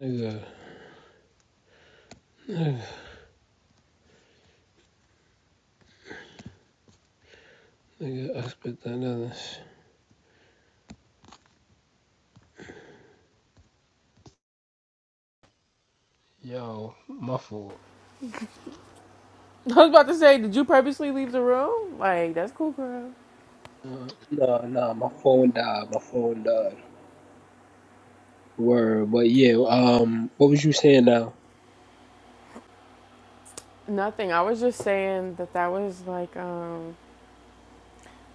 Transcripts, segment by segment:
Nigga, nigga, I spit that other Yo, my fault. I was about to say, did you purposely leave the room? Like, that's cool, girl. Nah, nah, nah, my phone died. My phone died. Word, but yeah. Um, what was you saying now? Nothing. I was just saying that that was like, um,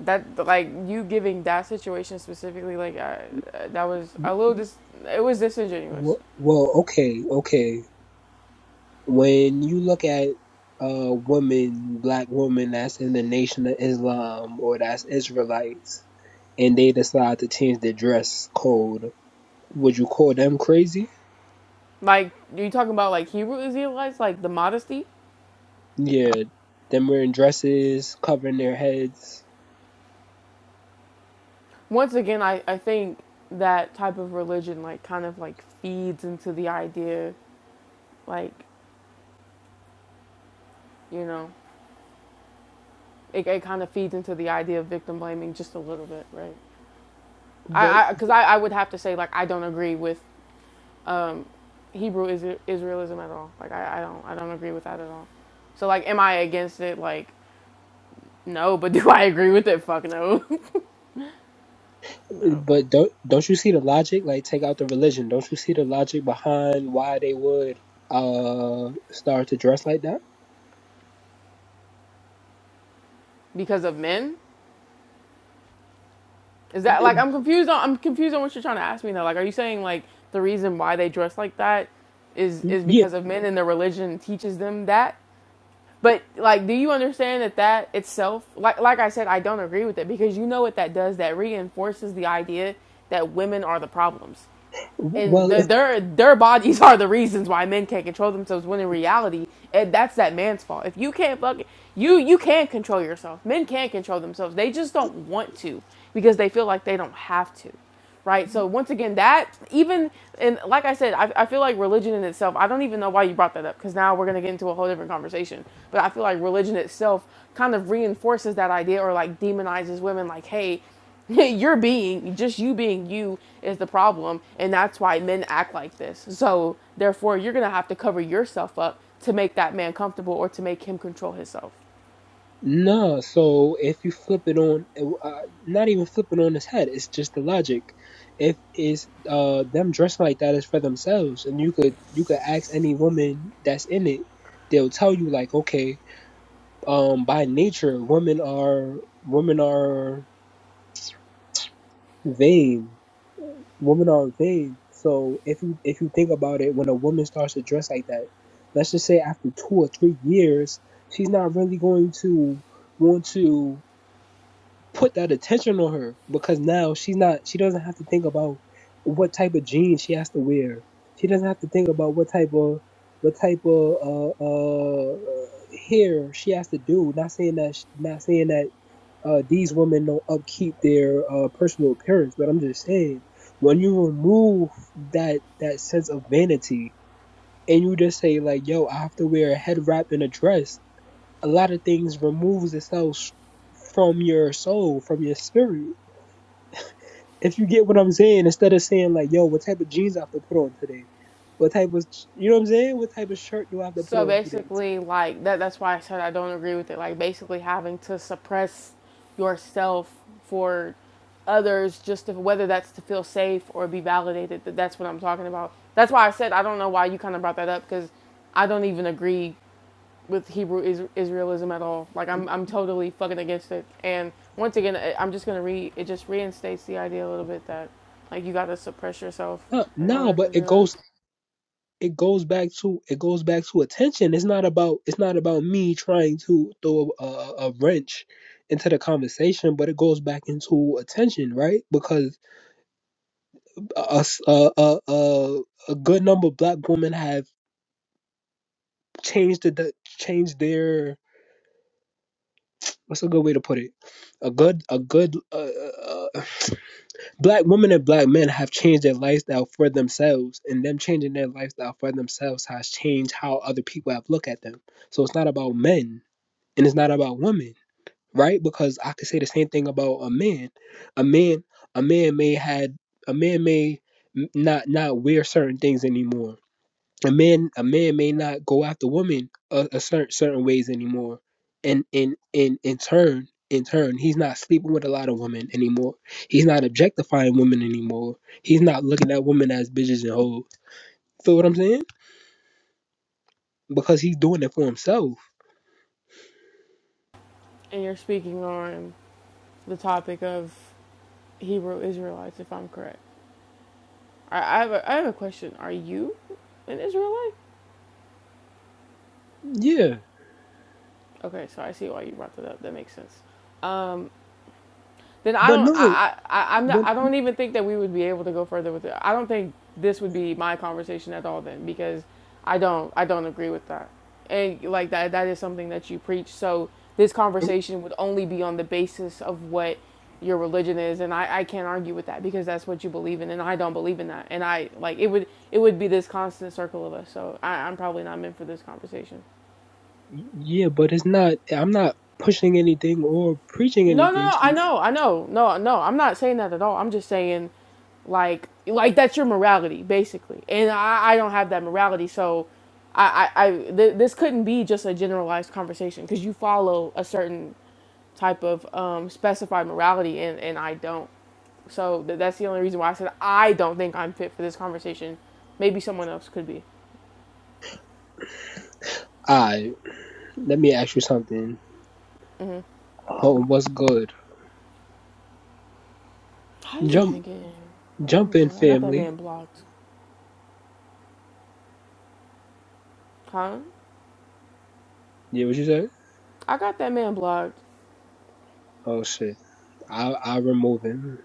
that, like, you giving that situation specifically, like, I, that was a little dis, it was disingenuous. Wh- Well, okay, okay. When you look at uh women, black women that's in the Nation of Islam or that's Israelites, and they decide to change their dress code, would you call them crazy? Like, you talking about, like, Hebrew Israelites, like, the modesty? Yeah, them wearing dresses, covering their heads. Once again, I, I think that type of religion, like, kind of, like, feeds into the idea, like, you know, it, it kind of feeds into the idea of victim blaming just a little bit, right? I But I, because I, I, would have to say like I don't agree with um, Hebrew is Israelism at all. Like I, I don't I don't agree with that at all. So like, am I against it? Like no, but do I agree with it? Fuck no, no. But don't don't you see the logic? Like take out the religion. Don't you see the logic behind why they would uh start to dress like that? Because of men? Is that like I'm confused on I'm confused on what you're trying to ask me now. Like, are you saying like the reason why they dress like that is is Yeah. because of men and their religion teaches them that? But like, do you understand that that itself, like, like I said, I don't agree with it because you know what that does? That reinforces the idea that women are the problems and Well, the, it's- their their bodies are the reasons why men can't control themselves. When in reality, it, that's that man's fault. If you can't fucking you you can control yourself. Men can not control themselves. They just don't want to because they feel like they don't have to, right? So once again, that even and like I said, I, I feel like religion in itself. I don't even know why you brought that up because now we're gonna get into a whole different conversation. But I feel like religion itself kind of reinforces that idea or like demonizes women. Like, hey. Your being, just you being you, is the problem, and that's why men act like this. So, therefore, you're gonna have to cover yourself up to make that man comfortable or to make him control himself. no. So if you flip it on, uh, not even flip it on its head. It's just the logic. If it's uh them dressing like that is for themselves, and you could you could ask any woman that's in it, they'll tell you like, okay, um, by nature, women are women are vain women are vain. So if you if you think about it, when a woman starts to dress like that, let's just say after two or three years, she's not really going to want to put that attention on her because now she's not she doesn't have to think about what type of jeans she has to wear. She doesn't have to think about what type of what type of uh, uh, uh, hair she has to do. Not saying that sh- not saying that uh, these women don't upkeep their uh, personal appearance, but I'm just saying when you remove that that sense of vanity and you just say like, "Yo, I have to wear a head wrap and a dress," a lot of things removes itself from your soul, from your spirit. If you get what I'm saying, instead of saying like, "Yo, what type of jeans I have to put on today?" What type of you know what I'm saying? What type of shirt do I have to put So on today? basically, like that—that's why I said I don't agree with it. Like basically, having to suppress yourself for others, just to, whether that's to feel safe or be validated. That that's what I'm talking about. That's why I said I don't know why you kind of brought that up because I don't even agree with Hebrew is- Israelism at all. Like I'm I'm totally fucking against it. And once again, I- am just gonna re it just reinstates the idea a little bit that like you gotta suppress yourself No, in no, order to but do it that. goes it goes back to it goes back to attention. It's not about it's not about me trying to throw a, a wrench into the conversation, but it goes back into attention, right? Because a a a a, a good number of black women have changed the changed their what's a good way to put it? A good a good uh, uh, uh, black women and black men have changed their lifestyle for themselves, and them changing their lifestyle for themselves has changed how other people have looked at them. So it's not about men and it's not about women right because i could say the same thing about a man a man a man may had a man may not not wear certain things anymore a man a man may not go after women a, a certain certain ways anymore and in in in turn in turn he's not sleeping with a lot of women anymore he's not objectifying women anymore he's not looking at women as bitches and hoes feel what i'm saying because he's doing it for himself And you're speaking on the topic of Hebrew Israelites, if I'm correct. I, I have a, I have a question. Are you an Israelite? yeah Okay, so I see why you brought that up. That makes sense. Um, then I but don't no I, I, I am not but. I don't even think that we would be able to go further with it. I don't think this would be my conversation at all then because I don't I don't agree with that. And like that that is something that you preach. So this conversation would only be on the basis of what your religion is and I, I can't argue with that because that's what you believe in and I don't believe in that. And I like it would it would be this constant circle of us. So I, I'm probably not meant for this conversation. Yeah, but it's not. I'm not pushing anything or preaching No, no, anything no. to I you. know, I know. No, no. I'm not saying that at all. I'm just saying, like, like that's your morality, basically. And I, I don't have that morality, so I, I, I th- this couldn't be just a generalized conversation because you follow a certain type of um, specified morality, and and I don't. So th- that's the only reason why I said I don't think I'm fit for this conversation. Maybe someone else could be. I let me ask you something. Oh, what's good? How did you Jump, even get in? here? jump Oh in, god, I got that family. man blocked. Huh? Yeah, what you say? I got that man blocked. Oh shit, I I remove him.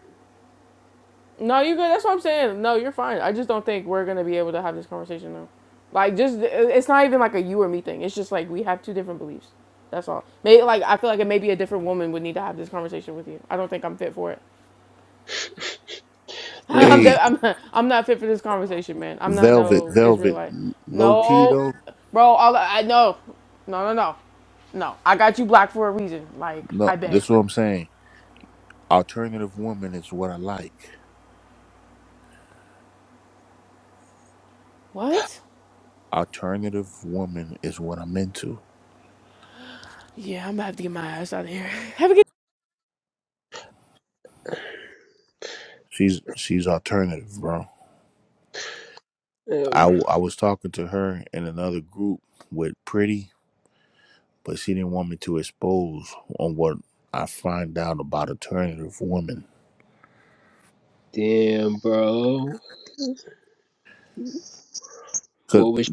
No, you good. That's what I'm saying. No, you're fine. I just don't think we're gonna be able to have this conversation now. Like, just it's not even like a you or me thing. It's just like we have two different beliefs. That's all. Maybe like I feel like it maybe a different woman would need to have this conversation with you. I don't think I'm fit for it. I'm Damn, Hey, de- I'm I'm not fit for this conversation, man. I'm not Velvet, no Velvet, Israelite. low key No, though. bro. All I know. No, no, no, no. I got you black for a reason. Like No, I this beg. is what I'm saying. Alternative woman is what I like. What? Alternative woman is what I'm into. Yeah, I'm about to get my ass out of here. Have a She's she's alternative, bro. Oh, I, w- I was talking to her in another group with Pretty, but she didn't want me to expose on what I find out about alternative women. damn, bro. Cause What was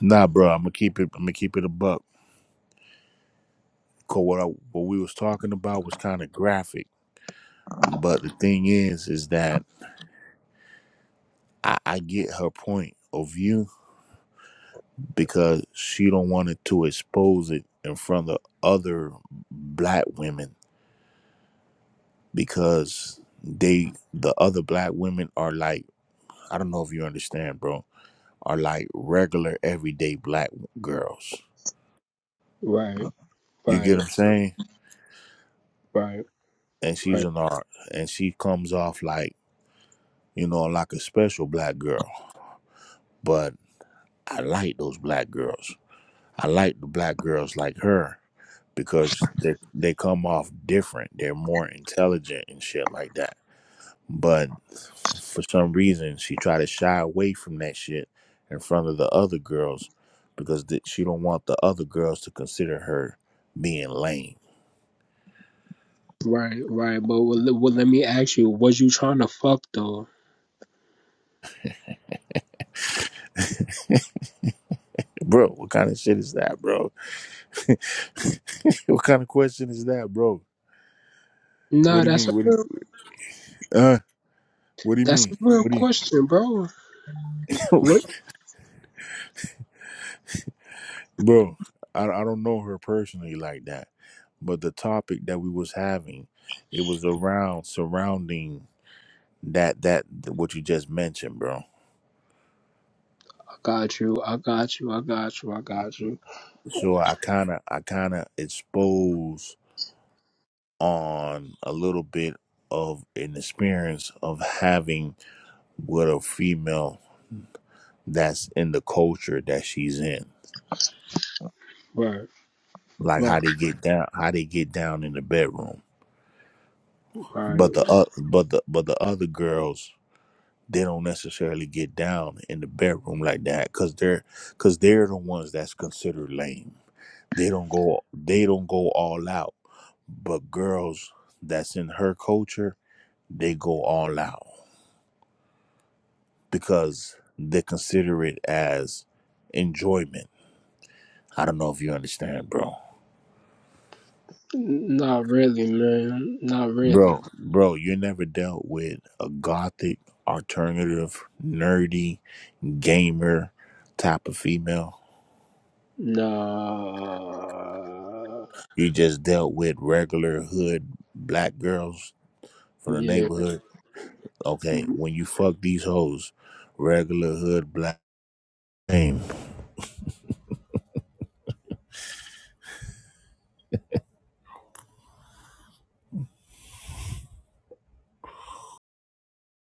nah, bro, I'm gonna keep it. I'm gonna keep it a buck. Cause what I, what we was talking about was kind of graphic. But the thing is, is that I, I get her point of view because she don't want it to expose it in front of other black women because they the other black women are like I don't know if you understand, bro, are like regular everyday black girls. right, You get right, what I'm saying? right, right, And she's an art and she comes off like, you know, like a special black girl. But I like those black girls. I like the black girls like her because they they come off different. They're more intelligent and shit like that. But for some reason, she tried to shy away from that shit in front of the other girls because th- she don't want the other girls to consider her being lame. right, right? But well, well, let me ask you. Was you trying to fuck though? Bro, what kind of shit is that, bro? what kind of question is that, bro? What Nah, do you that's a mean? What do you, real, uh, what do you that's mean? a real What do you? question, bro. What? bro I, I don't know her personally like that but the topic that we was having it was around surrounding that that what you just mentioned bro Got you. I got you. I got you. I got you. so i kind of i kind of expose on a little bit of an experience of having with a female that's in the culture that she's in Right. like Right. how they get down how they get down in the bedroom Right. but the uh, but the but the other girls they don't necessarily get down in the bedroom like that because they're because they're the ones that's considered lame they don't go they don't go all out but girls that's in her culture they go all out because they consider it as enjoyment i don't know if you understand bro Not really, man. Not really. bro bro you never dealt with a gothic alternative nerdy gamer type of female Nah. You just dealt with regular hood black girls from the Yeah. neighborhood. Okay, when you fuck these hoes, regular hood black. name.